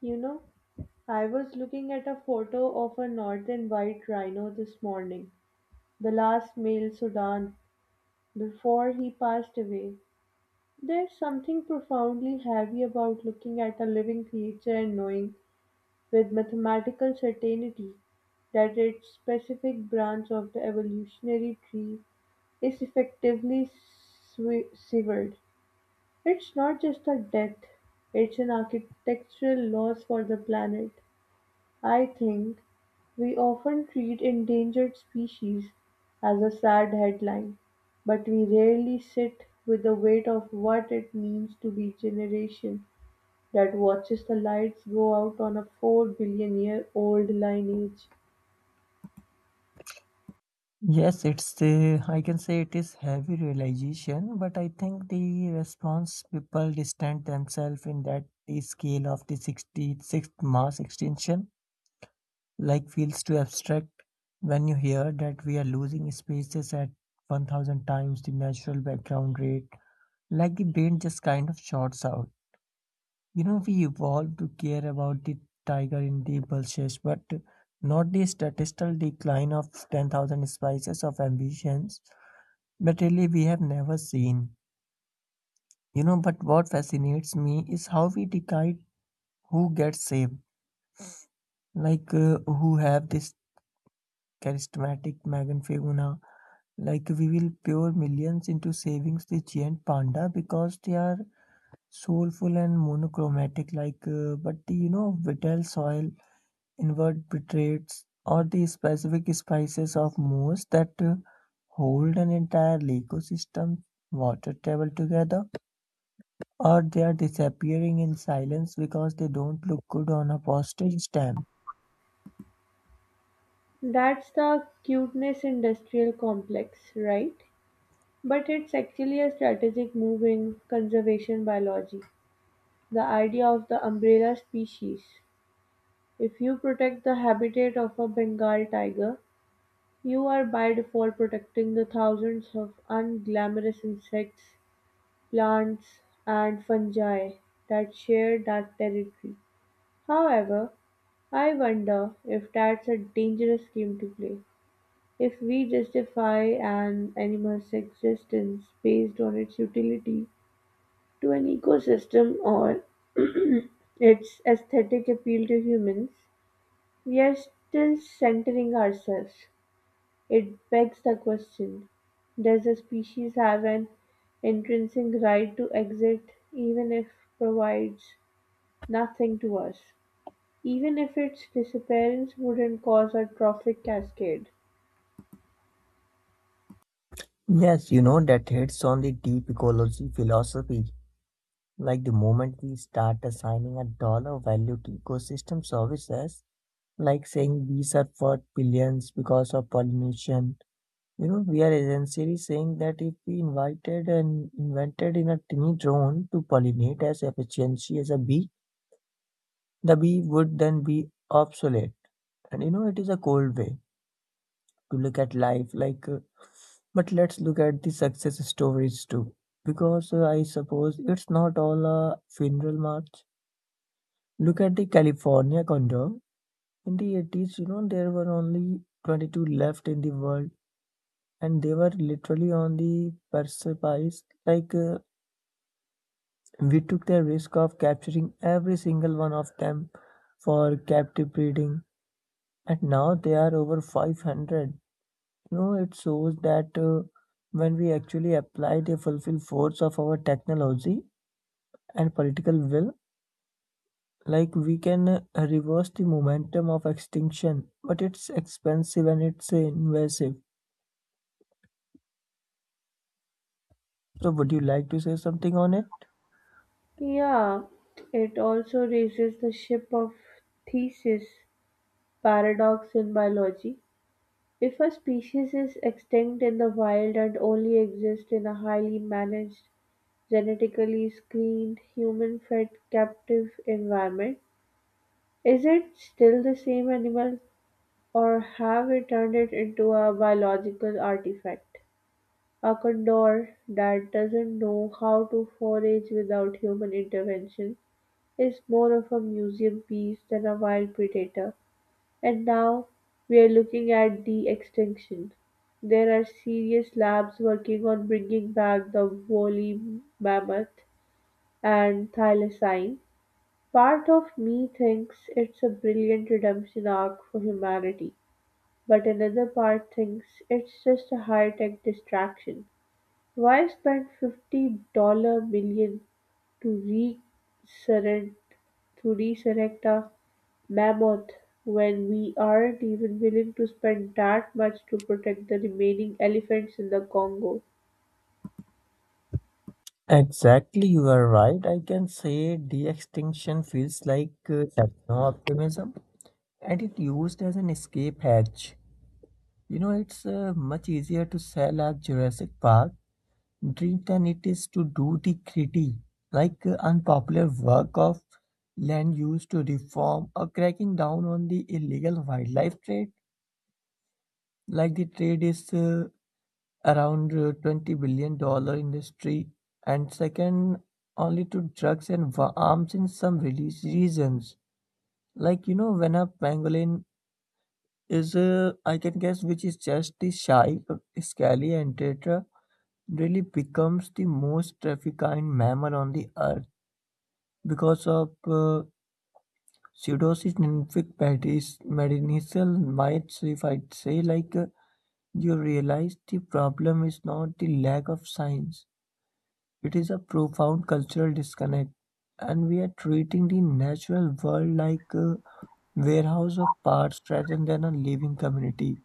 You know, I was looking at a photo of a northern white rhino this morning, the last male Sudan, before he passed away. There's something profoundly heavy about looking at a living creature and knowing with mathematical certainty that its specific branch of the evolutionary tree is effectively severed. It's not just a death, it's an architectural loss for the planet. I think we often treat endangered species as a sad headline, but we rarely sit with the weight of what it means to be a generation that watches the lights go out on a 4 billion year old lineage. Yes, it's I can say it is heavy realization, but I think the response people distant themselves in that the scale of the 66th mass extinction like feels too abstract when you hear that we are losing spaces at 1000 times the natural background rate, like the brain just kind of shorts out. You know, we evolved to care about the tiger in the bushes, but not the statistical decline of 10,000 species of ambitions but really, we have never seen. You know, but what fascinates me is how we decide who gets saved. Like, who have this charismatic Megan Faguna. Like, we will pour millions into savings the giant panda because they are soulful and monochromatic. Like, but the vital soil, invertebrates, or the specific spices of moss that hold an entire ecosystem water table together. Or they're disappearing in silence because they don't look good on a postage stamp. That's the cuteness industrial complex, right? But it's actually a strategic move in conservation biology. The idea of the umbrella species. If you protect the habitat of a Bengal tiger, you are by default protecting the thousands of unglamorous insects, plants, and fungi that share that territory. However, I wonder if that's a dangerous game to play. If we justify an animal's existence based on its utility to an ecosystem or its aesthetic appeal to humans, we are still centering ourselves. It begs the question: does a species have an intrinsic right to exist even if provides nothing to us? Even if its disappearance wouldn't cause a trophic cascade? Yes, you know, that hits on the deep ecology philosophy. Like the moment we start assigning a dollar value to ecosystem services, like saying these are worth billions because of pollination, you know, we are essentially saying that if we invited and invented in a tiny drone to pollinate as efficiently as a bee, the bee would then be obsolete. And you know, it is a cold way to look at life, like but let's look at the success stories too, because I suppose it's not all a funeral march. Look at the california condom in the 80s. You know, there were only 22 left in the world, and they were literally on the precipice, like we took the risk of capturing every single one of them for captive breeding, and now they are over 500. You know, it shows that when we actually apply the fulfill force of our technology and political will, like we can reverse the momentum of extinction, but it's expensive and it's invasive. So, would you like to say something on it? Yeah, it also raises the ship of thesis paradox in biology. If a species is extinct in the wild and only exists in a highly managed, genetically screened, human fed captive environment, is it still the same animal, or have we turned it into a biological artifact? A condor that doesn't know how to forage without human intervention is more of a museum piece than a wild predator. And now we are looking at de extinction. There are serious labs working on bringing back the woolly mammoth and thylacine. Part of me thinks it's a brilliant redemption arc for humanity, but another part thinks it's just a high-tech distraction. Why spend $50 million to resurrect to resurrect a mammoth when we aren't even willing to spend that much to protect the remaining elephants in the Congo? Exactly, you are right. I can say de extinction feels like techno optimism and it used as an escape hatch. You know, it's much easier to sell a Jurassic Park Dreamt, and it is to do the gritty, like unpopular work of land use to reform or cracking down on the illegal wildlife trade. Like the trade is around $20 billion industry and second only to drugs and arms in some release regions. Like, you know, when a pangolin is I can guess which is just the shy scaly and tetra, really becomes the most trafficked mammal on the earth. Because of pseudosis lymphic medicinal myths, if I would say, like you realize the problem is not the lack of science, it is a profound cultural disconnect. And we are treating the natural world like a warehouse of parts rather than a living community.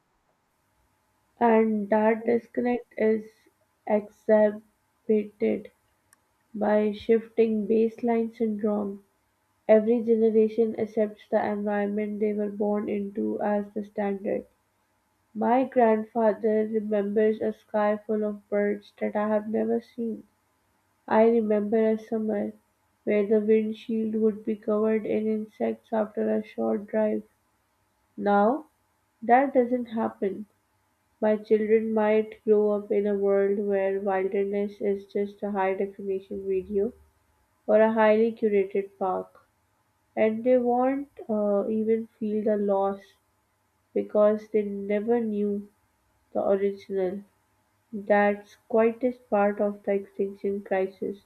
And that disconnect is exacerbated by shifting baseline syndrome. Every generation accepts the environment they were born into as the standard. My grandfather remembers a sky full of birds that I have never seen. I remember a summer where the windshield would be covered in insects after a short drive. Now, that doesn't happen. My children might grow up in a world where wilderness is just a high definition video or a highly curated park. And they won't even feel the loss because they never knew the original. That's quietest part of the extinction crisis,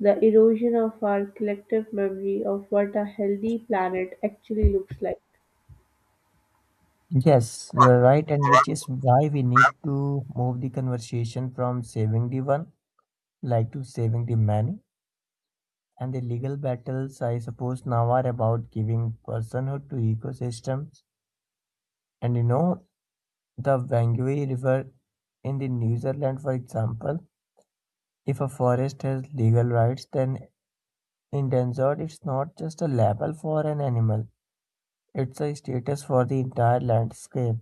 the erosion of our collective memory of what a healthy planet actually looks like. Yes, you are right, and which is why we need to move the conversation from saving the one, like to saving the many. And the legal battles, I suppose, now are about giving personhood to ecosystems. And you know, the Wangui River in the New Zealand, for example, if a forest has legal rights, then endangered it's not just a label for an animal, it's a status for the entire landscape.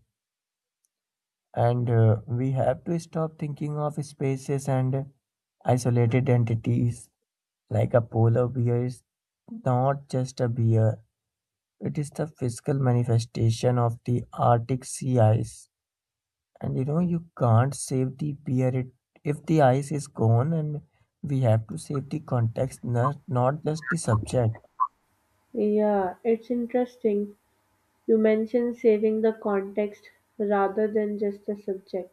And we have to stop thinking of species and isolated entities. Like a polar bear is not just a bear. It is the physical manifestation of the Arctic sea ice. And you know, you can't save the beer it, if the ice is gone, and we have to save the context, not just the subject. Yeah, it's interesting. You mentioned saving the context rather than just the subject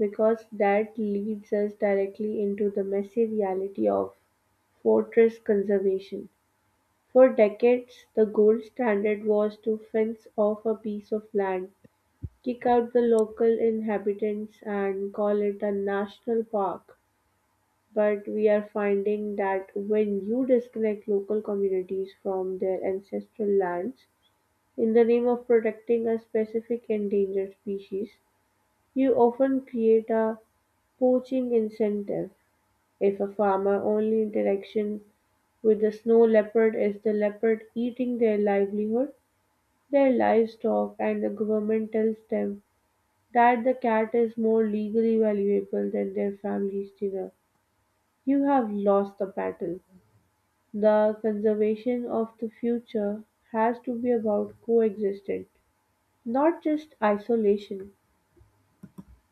because that leads us directly into the messy reality of fortress conservation. For decades, the gold standard was to fence off a piece of land, kick out the local inhabitants and call it a national park. But we are finding that when you disconnect local communities from their ancestral lands in the name of protecting a specific endangered species, you often create a poaching incentive. If a farmer only interaction with the snow leopard is the leopard eating their livelihood, their livestock and the government tells them that the cat is more legally valuable than their family's dinner. You have lost the battle. The conservation of the future has to be about coexistence, not just isolation.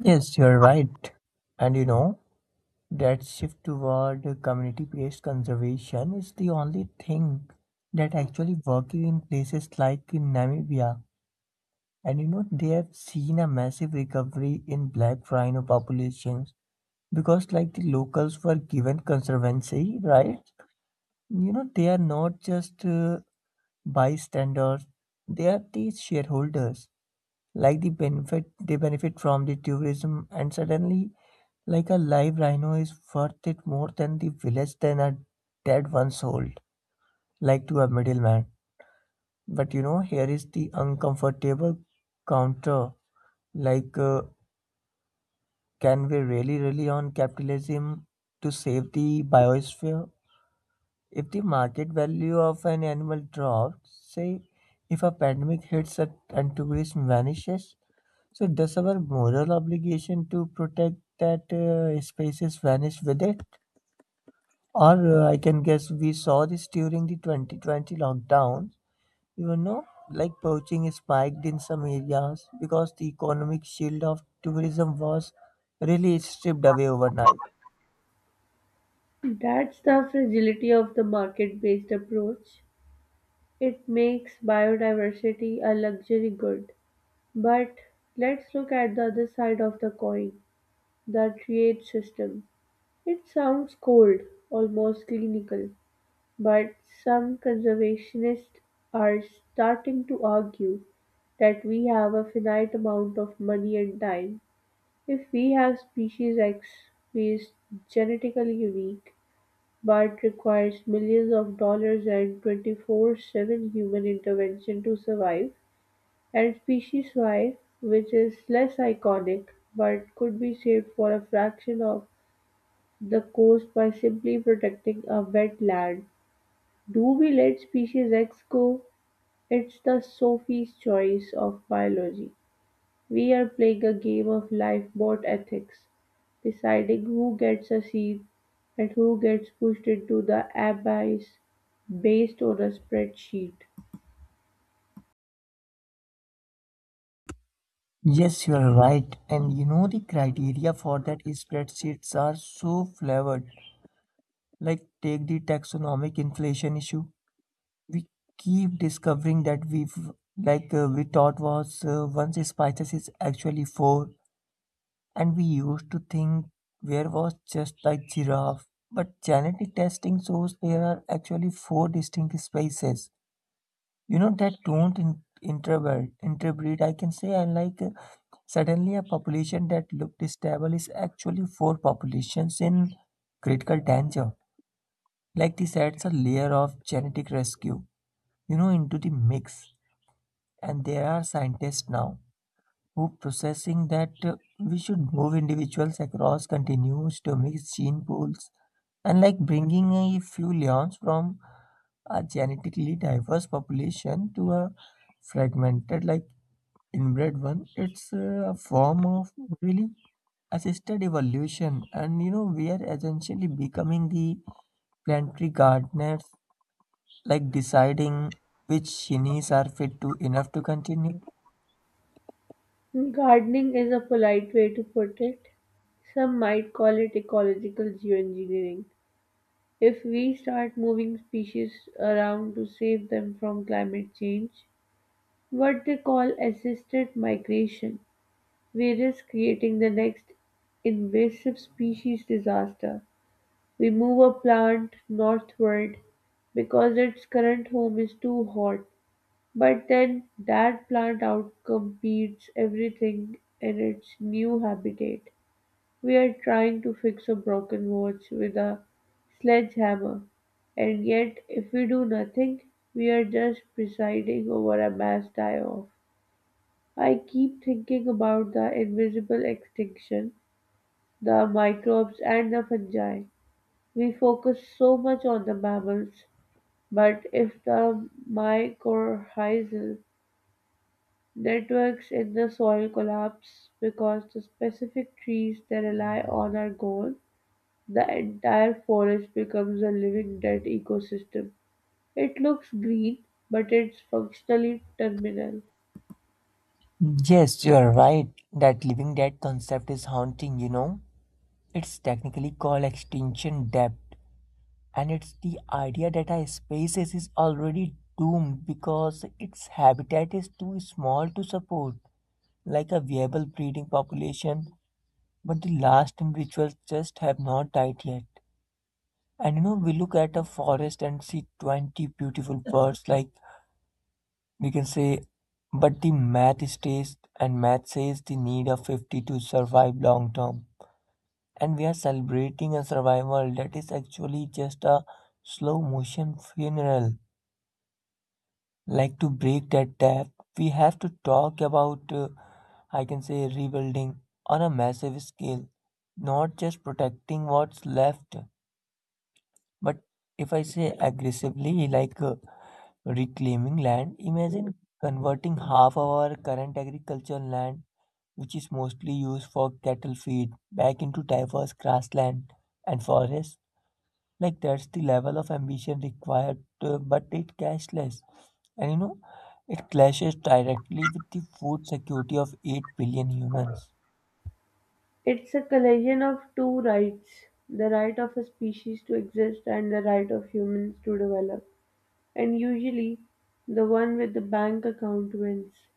Yes, you're right. And you know, that shift toward community based conservation is the only thing that actually working in places like in Namibia. And you know, they have seen a massive recovery in black rhino populations, because like the locals were given conservancy rights. You know, they are not just bystanders, they are the shareholders. Like they benefit from the tourism, and suddenly like a live rhino is worth it more than the village than a dead one sold like to a middleman. But you know, here is the uncomfortable counter, like can we really rely on capitalism to save the biosphere? If the market value of an animal drops, say if a pandemic hits and tourism vanishes, so does our moral obligation to protect that species vanish with it? Or I can guess we saw this during the 2020 lockdown. You know, like poaching spiked in some areas because the economic shield of tourism was really stripped away overnight. That's the fragility of the market based approach. It makes biodiversity a luxury good. But let's look at the other side of the coin, the trade system. It sounds cold, almost clinical, but some conservationists are starting to argue that we have a finite amount of money and time. If we have species X who is genetically unique but requires millions of dollars and 24/7 human intervention to survive, and species Y, which is less iconic but could be saved for a fraction of the coast by simply protecting a wetland. Do we let species X go? It's the Sophie's choice of biology. We are playing a game of lifeboat ethics, deciding who gets a seat and who gets pushed into the abyss based on a spreadsheet. Yes, you are right. And you know, the criteria for that is spreadsheets are so flavored. Like, take the taxonomic inflation issue. We keep discovering that we've, like, we thought was once spices is actually four. And we used to think where was just like giraffe. But genetic testing shows there are actually four distinct species. You know, that don't in, interbred, interbreed. I can say I like suddenly a population that looked stable is actually four populations in critical danger. Like this adds a layer of genetic rescue, you know, into the mix. And there are scientists now who processing that we should move individuals across continues to mix gene pools, and like bringing a few leons from a genetically diverse population to a fragmented like inbred one. It's a form of really assisted evolution. And you know, we are essentially becoming the planetary gardeners, like deciding which genies are fit to enough to continue. Gardening is a polite way to put it. Some might call it ecological geoengineering. If we start moving species around to save them from climate change, what they call assisted migration, we risk creating the next invasive species disaster. We move a plant northward because its current home is too hot, but then that plant outcompetes everything in its new habitat. We're trying to fix a broken watch with a sledgehammer, and yet if we do nothing, we're just presiding over a mass die-off. I keep thinking about the invisible extinction, the microbes and the fungi. We focus so much on the mammals, but if the mycorrhizal networks in the soil collapse because the specific trees they rely on are gone, the entire forest becomes a living dead ecosystem. It looks green, but it's functionally terminal. Yes, you are right. That living dead concept is haunting, you know. It's technically called extinction depth, and it's the idea that a species is already doomed because its habitat is too small to support, like a viable breeding population, but the last individuals just have not died yet. And you know, we look at a forest and see 20 beautiful birds, like we can say, but the math states and math says the need of 50 to survive long term, and we are celebrating a survival that is actually just a slow motion funeral. Like, to break that tap, we have to talk about I can say rebuilding on a massive scale, not just protecting what's left, but if I say aggressively, like reclaiming land. Imagine converting half of our current agricultural land, which is mostly used for cattle feed, back into diverse grassland and forests. Like that's the level of ambition required, but it cashless. And you know, it clashes directly with the food security of 8 billion humans. It's a collision of two rights, the right of a species to exist and the right of humans to develop. And usually, the one with the bank account wins.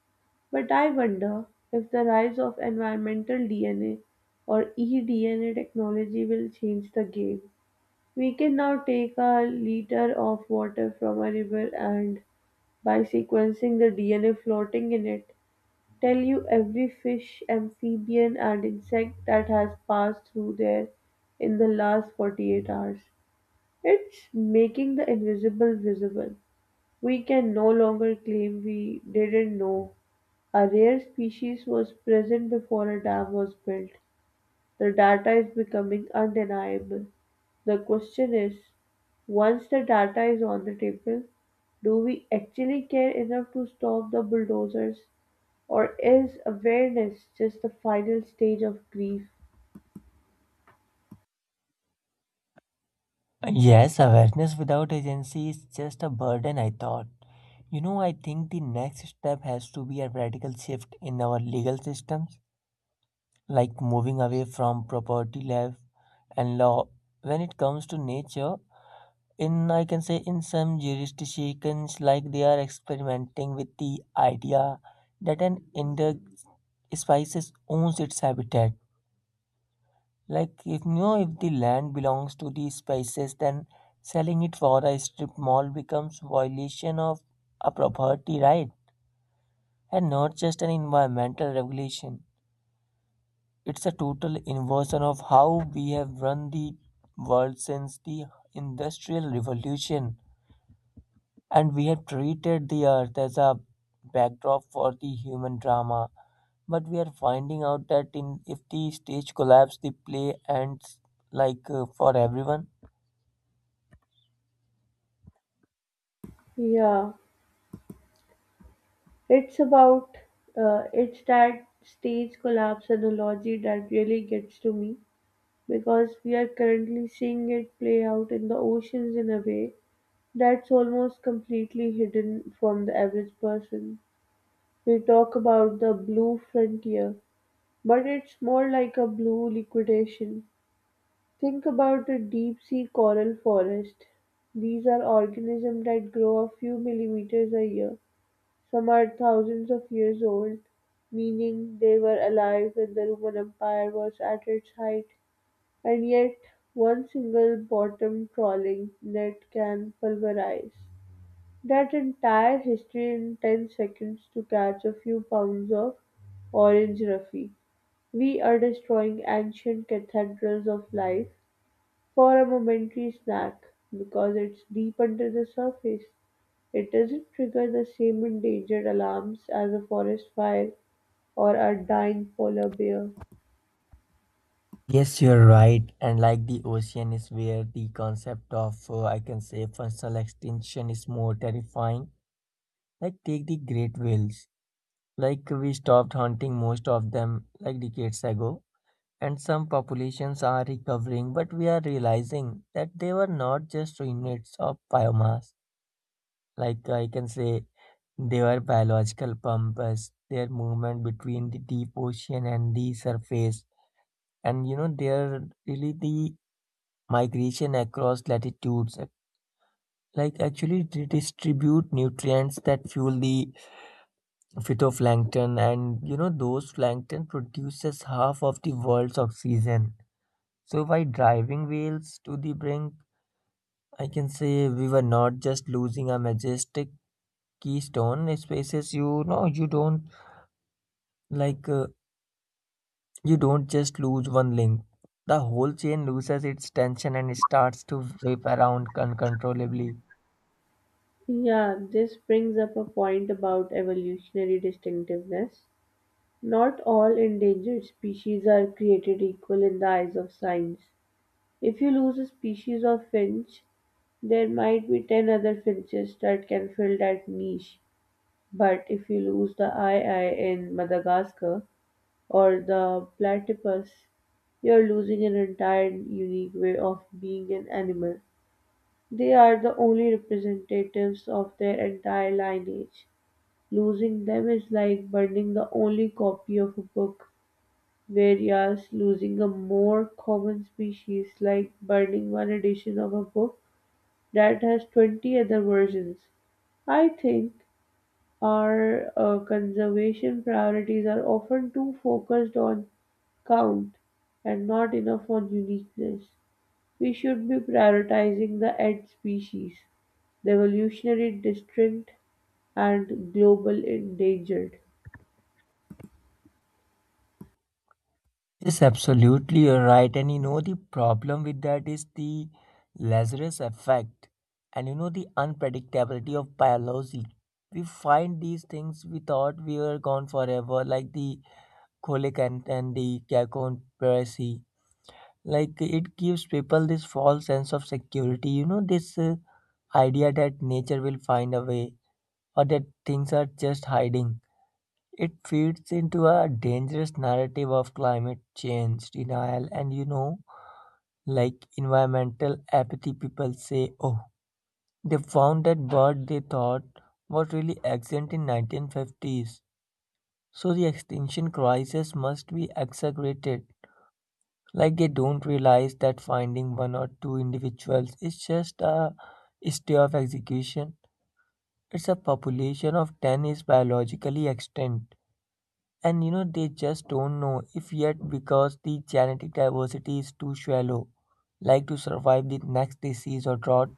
But I wonder if the rise of environmental DNA or eDNA technology will change the game. We can now take a liter of water from a river and, by sequencing the DNA floating in it, tell you every fish, amphibian, and insect that has passed through there in the last 48 hours. It's making the invisible visible. We can no longer claim we didn't know a rare species was present before a dam was built. The data is becoming undeniable. The question is, once the data is on the table, do we actually care enough to stop the bulldozers, or is awareness just the final stage of grief? Yes, awareness without agency is just a burden, I thought. You know, I think the next step has to be a radical shift in our legal systems, like moving away from property law and law. When it comes to nature, in I can say in some jurisdictions, like they are experimenting with the idea that an endemic species owns its habitat. Like if you know, if the land belongs to the species, then selling it for a strip mall becomes violation of a property right, and not just an environmental regulation. It's a total inversion of how we have run the world since the industrial revolution, and we have treated the earth as a backdrop for the human drama. But we are finding out that in if the stage collapses the play ends, like for everyone. Yeah, it's about it's that stage collapse analogy that really gets to me because we are currently seeing it play out in the oceans in a way that's almost completely hidden from the average person. We talk about the blue frontier, but it's more like a blue liquidation. Think about a deep sea coral forest. These are organisms that grow a few millimeters a year. Some are thousands of years old, meaning they were alive when the Roman Empire was at its height. And yet, one single bottom trawling net can pulverize that entire history in 10 seconds to catch a few pounds of orange Ruffy. We are destroying ancient cathedrals of life for a momentary snack because it's deep under the surface. It doesn't trigger the same endangered alarms as a forest fire or a dying polar bear. Yes, you're right, and like the ocean is where the concept of I can say functional extinction is more terrifying. Like, take the great whales. Like we stopped hunting most of them like decades ago, and some populations are recovering, but we are realizing that they were not just units of biomass. Like I can say, they were biological pumps. Their movement between the deep ocean and the surface, and you know, they are really the migration across latitudes. Like actually, they distribute nutrients that fuel the phytoplankton, and you know, those plankton produces half of the world's oxygen. So, by driving wheels to the brink, I can say we were not just losing a majestic keystone spaces. You know, you don't, like you don't just lose one link. The whole chain loses its tension and starts to whip around uncontrollably. Yeah, this brings up a point about evolutionary distinctiveness. Not all endangered species are created equal in the eyes of science. If you lose a species of finch, there might be 10 other finches that can fill that niche. But if you lose the eye eye in Madagascar or the platypus, you're losing an entire unique way of being an animal. They are the only representatives of their entire lineage. Losing them is like burning the only copy of a book, whereas losing a more common species like burning one edition of a book that has 20 other versions. I think our conservation priorities are often too focused on count and not enough on uniqueness. We should be prioritizing the ed species, the evolutionary distinct, and global endangered. Yes, absolutely, you're right. And you know, the problem with that is the Lazarus effect, and you know, the unpredictability of biology. We find these things we thought we were gone forever, like the colic and the conspiracy. Like it gives people this false sense of security. You know, this idea that nature will find a way or that things are just hiding. It feeds into a dangerous narrative of climate change denial and, you know, like environmental apathy. People say, oh, they found that bird they thought was really extinct in 1950s. So the extinction crisis must be exaggerated. Like they don't realize that finding one or two individuals is just a state of execution. It's a population of 10 is biologically extinct. And they just don't know if yet because the genetic diversity is too shallow, like to survive the next disease or drought.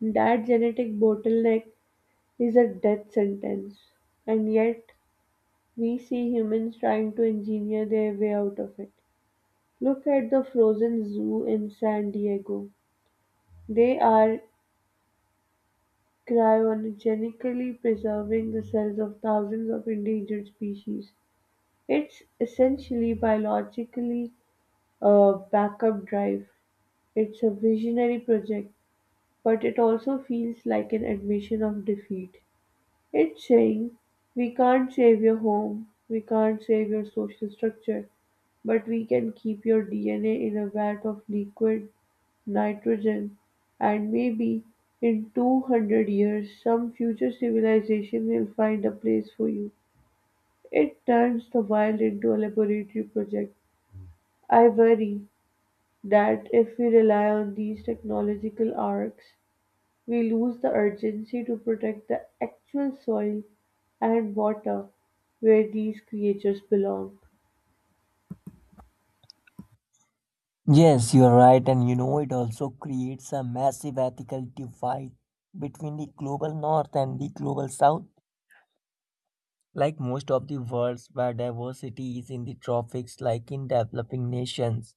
That genetic bottleneck is a death sentence, and yet we see humans trying to engineer their way out of it. Look at the Frozen Zoo in San Diego. They are cryogenically preserving the cells of thousands of endangered species. It's essentially biologically a backup drive. It's a visionary project, but it also feels like an admission of defeat. It's saying, we can't save your home, we can't save your social structure, but we can keep your DNA in a vat of liquid nitrogen, and maybe in 200 years some future civilization will find a place for you. It turns the wild into a laboratory project. I worry that if we rely on these technological arcs, we lose the urgency to protect the actual soil and water where these creatures belong. Yes, you're right, and it also creates a massive ethical divide between the global north and the global south. Like most of the world's biodiversity is in the tropics, like in developing nations,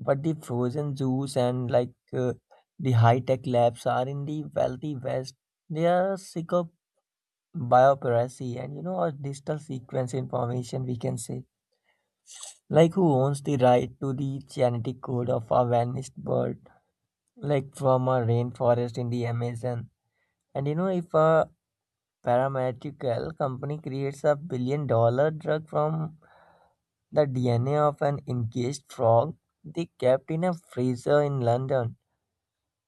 but the frozen zoos and like the high-tech labs are in the wealthy West. They are sick of biopiracy and or digital sequence information, we can say. Like who owns the right to the genetic code of a vanished bird, like from a rainforest in the Amazon? And if a pharmaceutical company creates a billion-dollar drug from the DNA of an encased frog they kept in a freezer in London.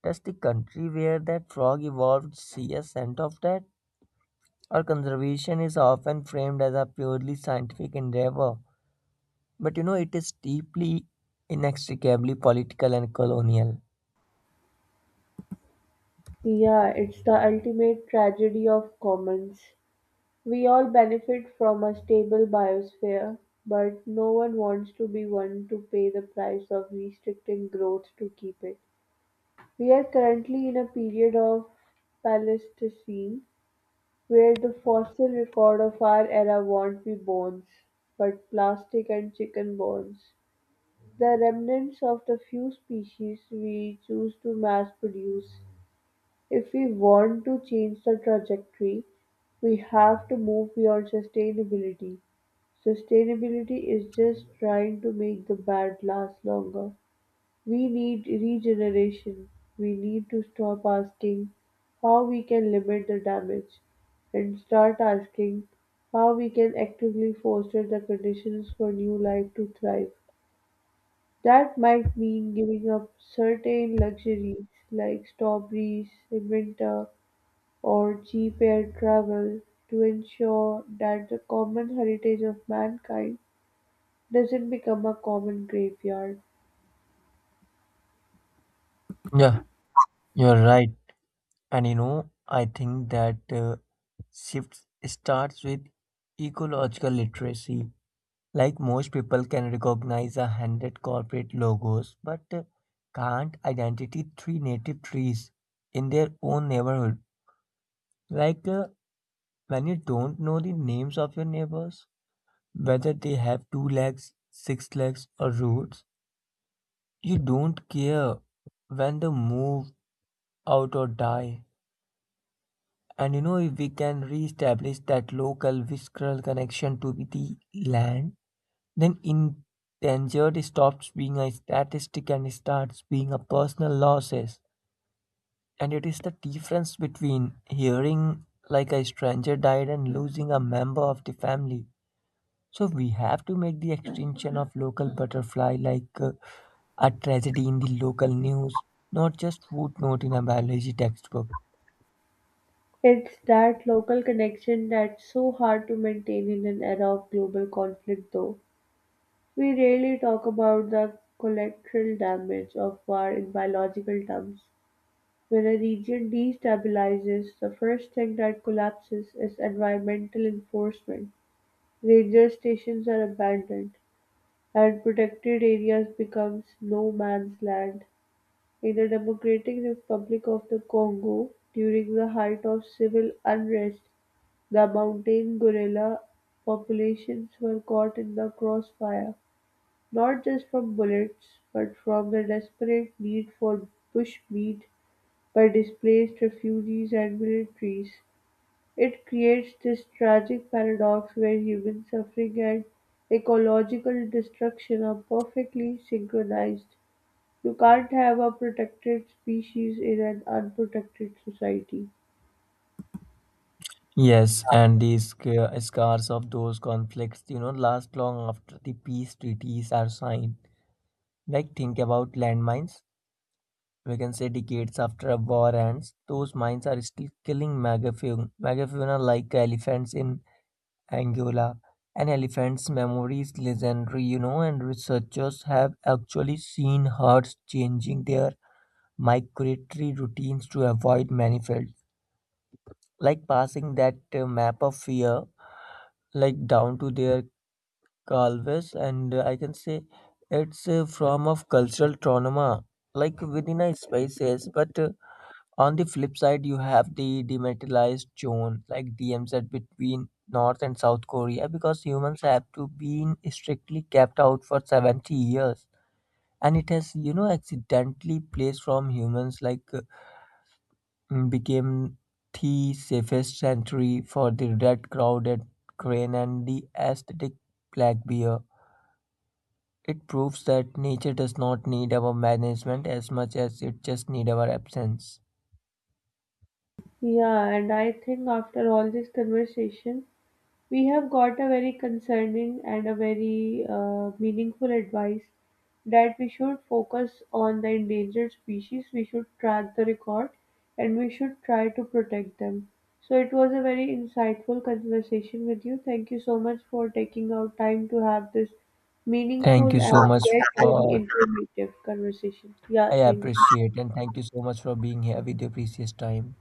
Does the country where that frog evolved see a scent of that? Our conservation is often framed as a purely scientific endeavor, but it is deeply, inextricably political and colonial. Yeah, it's the ultimate tragedy of commons. We all benefit from a stable biosphere, but no one wants to be one to pay the price of restricting growth to keep it. We are currently in a period of Pleistocene where the fossil record of our era won't be bones, but plastic and chicken bones. The remnants of the few species we choose to mass produce. If we want to change the trajectory, we have to move beyond sustainability. Sustainability is just trying to make the bad last longer. We need regeneration. We need to stop asking how we can limit the damage and start asking how we can actively foster the conditions for new life to thrive. That might mean giving up certain luxuries like strawberries in winter or cheap air travel to ensure that the common heritage of mankind doesn't become a common graveyard. Yeah, you're right. And I think that shift starts with ecological literacy. Like most people can recognize 100 corporate logos, but can't identify three native trees in their own neighborhood. Like when you don't know the names of your neighbors, whether they have two legs, six legs, or roots, you don't care when they move out or die. And if we can re-establish that local visceral connection to the land, then endangered stops being a statistic and starts being a personal losses. And it is the difference between hearing like a stranger died and losing a member of the family. So we have to make the extinction of local butterfly like a tragedy in the local news, not just footnote in a biology textbook. It's that local connection that's so hard to maintain in an era of global conflict, though. We rarely talk about the collateral damage of war in biological terms. When a region destabilizes, the first thing that collapses is environmental enforcement. Ranger stations are abandoned, and protected areas becomes no man's land. In the Democratic Republic of the Congo during the height of civil unrest, the mountain gorilla populations were caught in the crossfire, not just from bullets, but from the desperate need for bushmeat by displaced refugees and militaries. It creates this tragic paradox where human suffering and ecological destruction are perfectly synchronized. You can't have a protected species in an unprotected society. Yes, and the scars of those conflicts, last long after the peace treaties are signed. Like, think about landmines. We can say decades after a war ends, those mines are still killing megafauna. Megafauna like elephants in Angola. An elephant's memory is legendary, and researchers have actually seen herds changing their migratory routines to avoid manifolds, like passing that map of fear, like down to their calves, and I can say it's a form of cultural trauma, like within a species, but on the flip side, you have the demilitarized zone, like DMZ between North and South Korea, because humans have to been strictly kept out for 70 years. And it has, accidentally placed from humans, like became the safest sanctuary for the red crowded crane and the aesthetic black bear. It proves that nature does not need our management as much as it just need our absence. Yeah, and I think after all this conversation, we have got a very concerning and a very meaningful advice that we should focus on the endangered species, we should track the record, and we should try to protect them. So it was a very insightful conversation with you. Thank you so much for taking out time to have this meaningful Thank you and so much yet very for informative conversation. Yeah, I thank you. appreciate and thank you so much for being here with your precious time.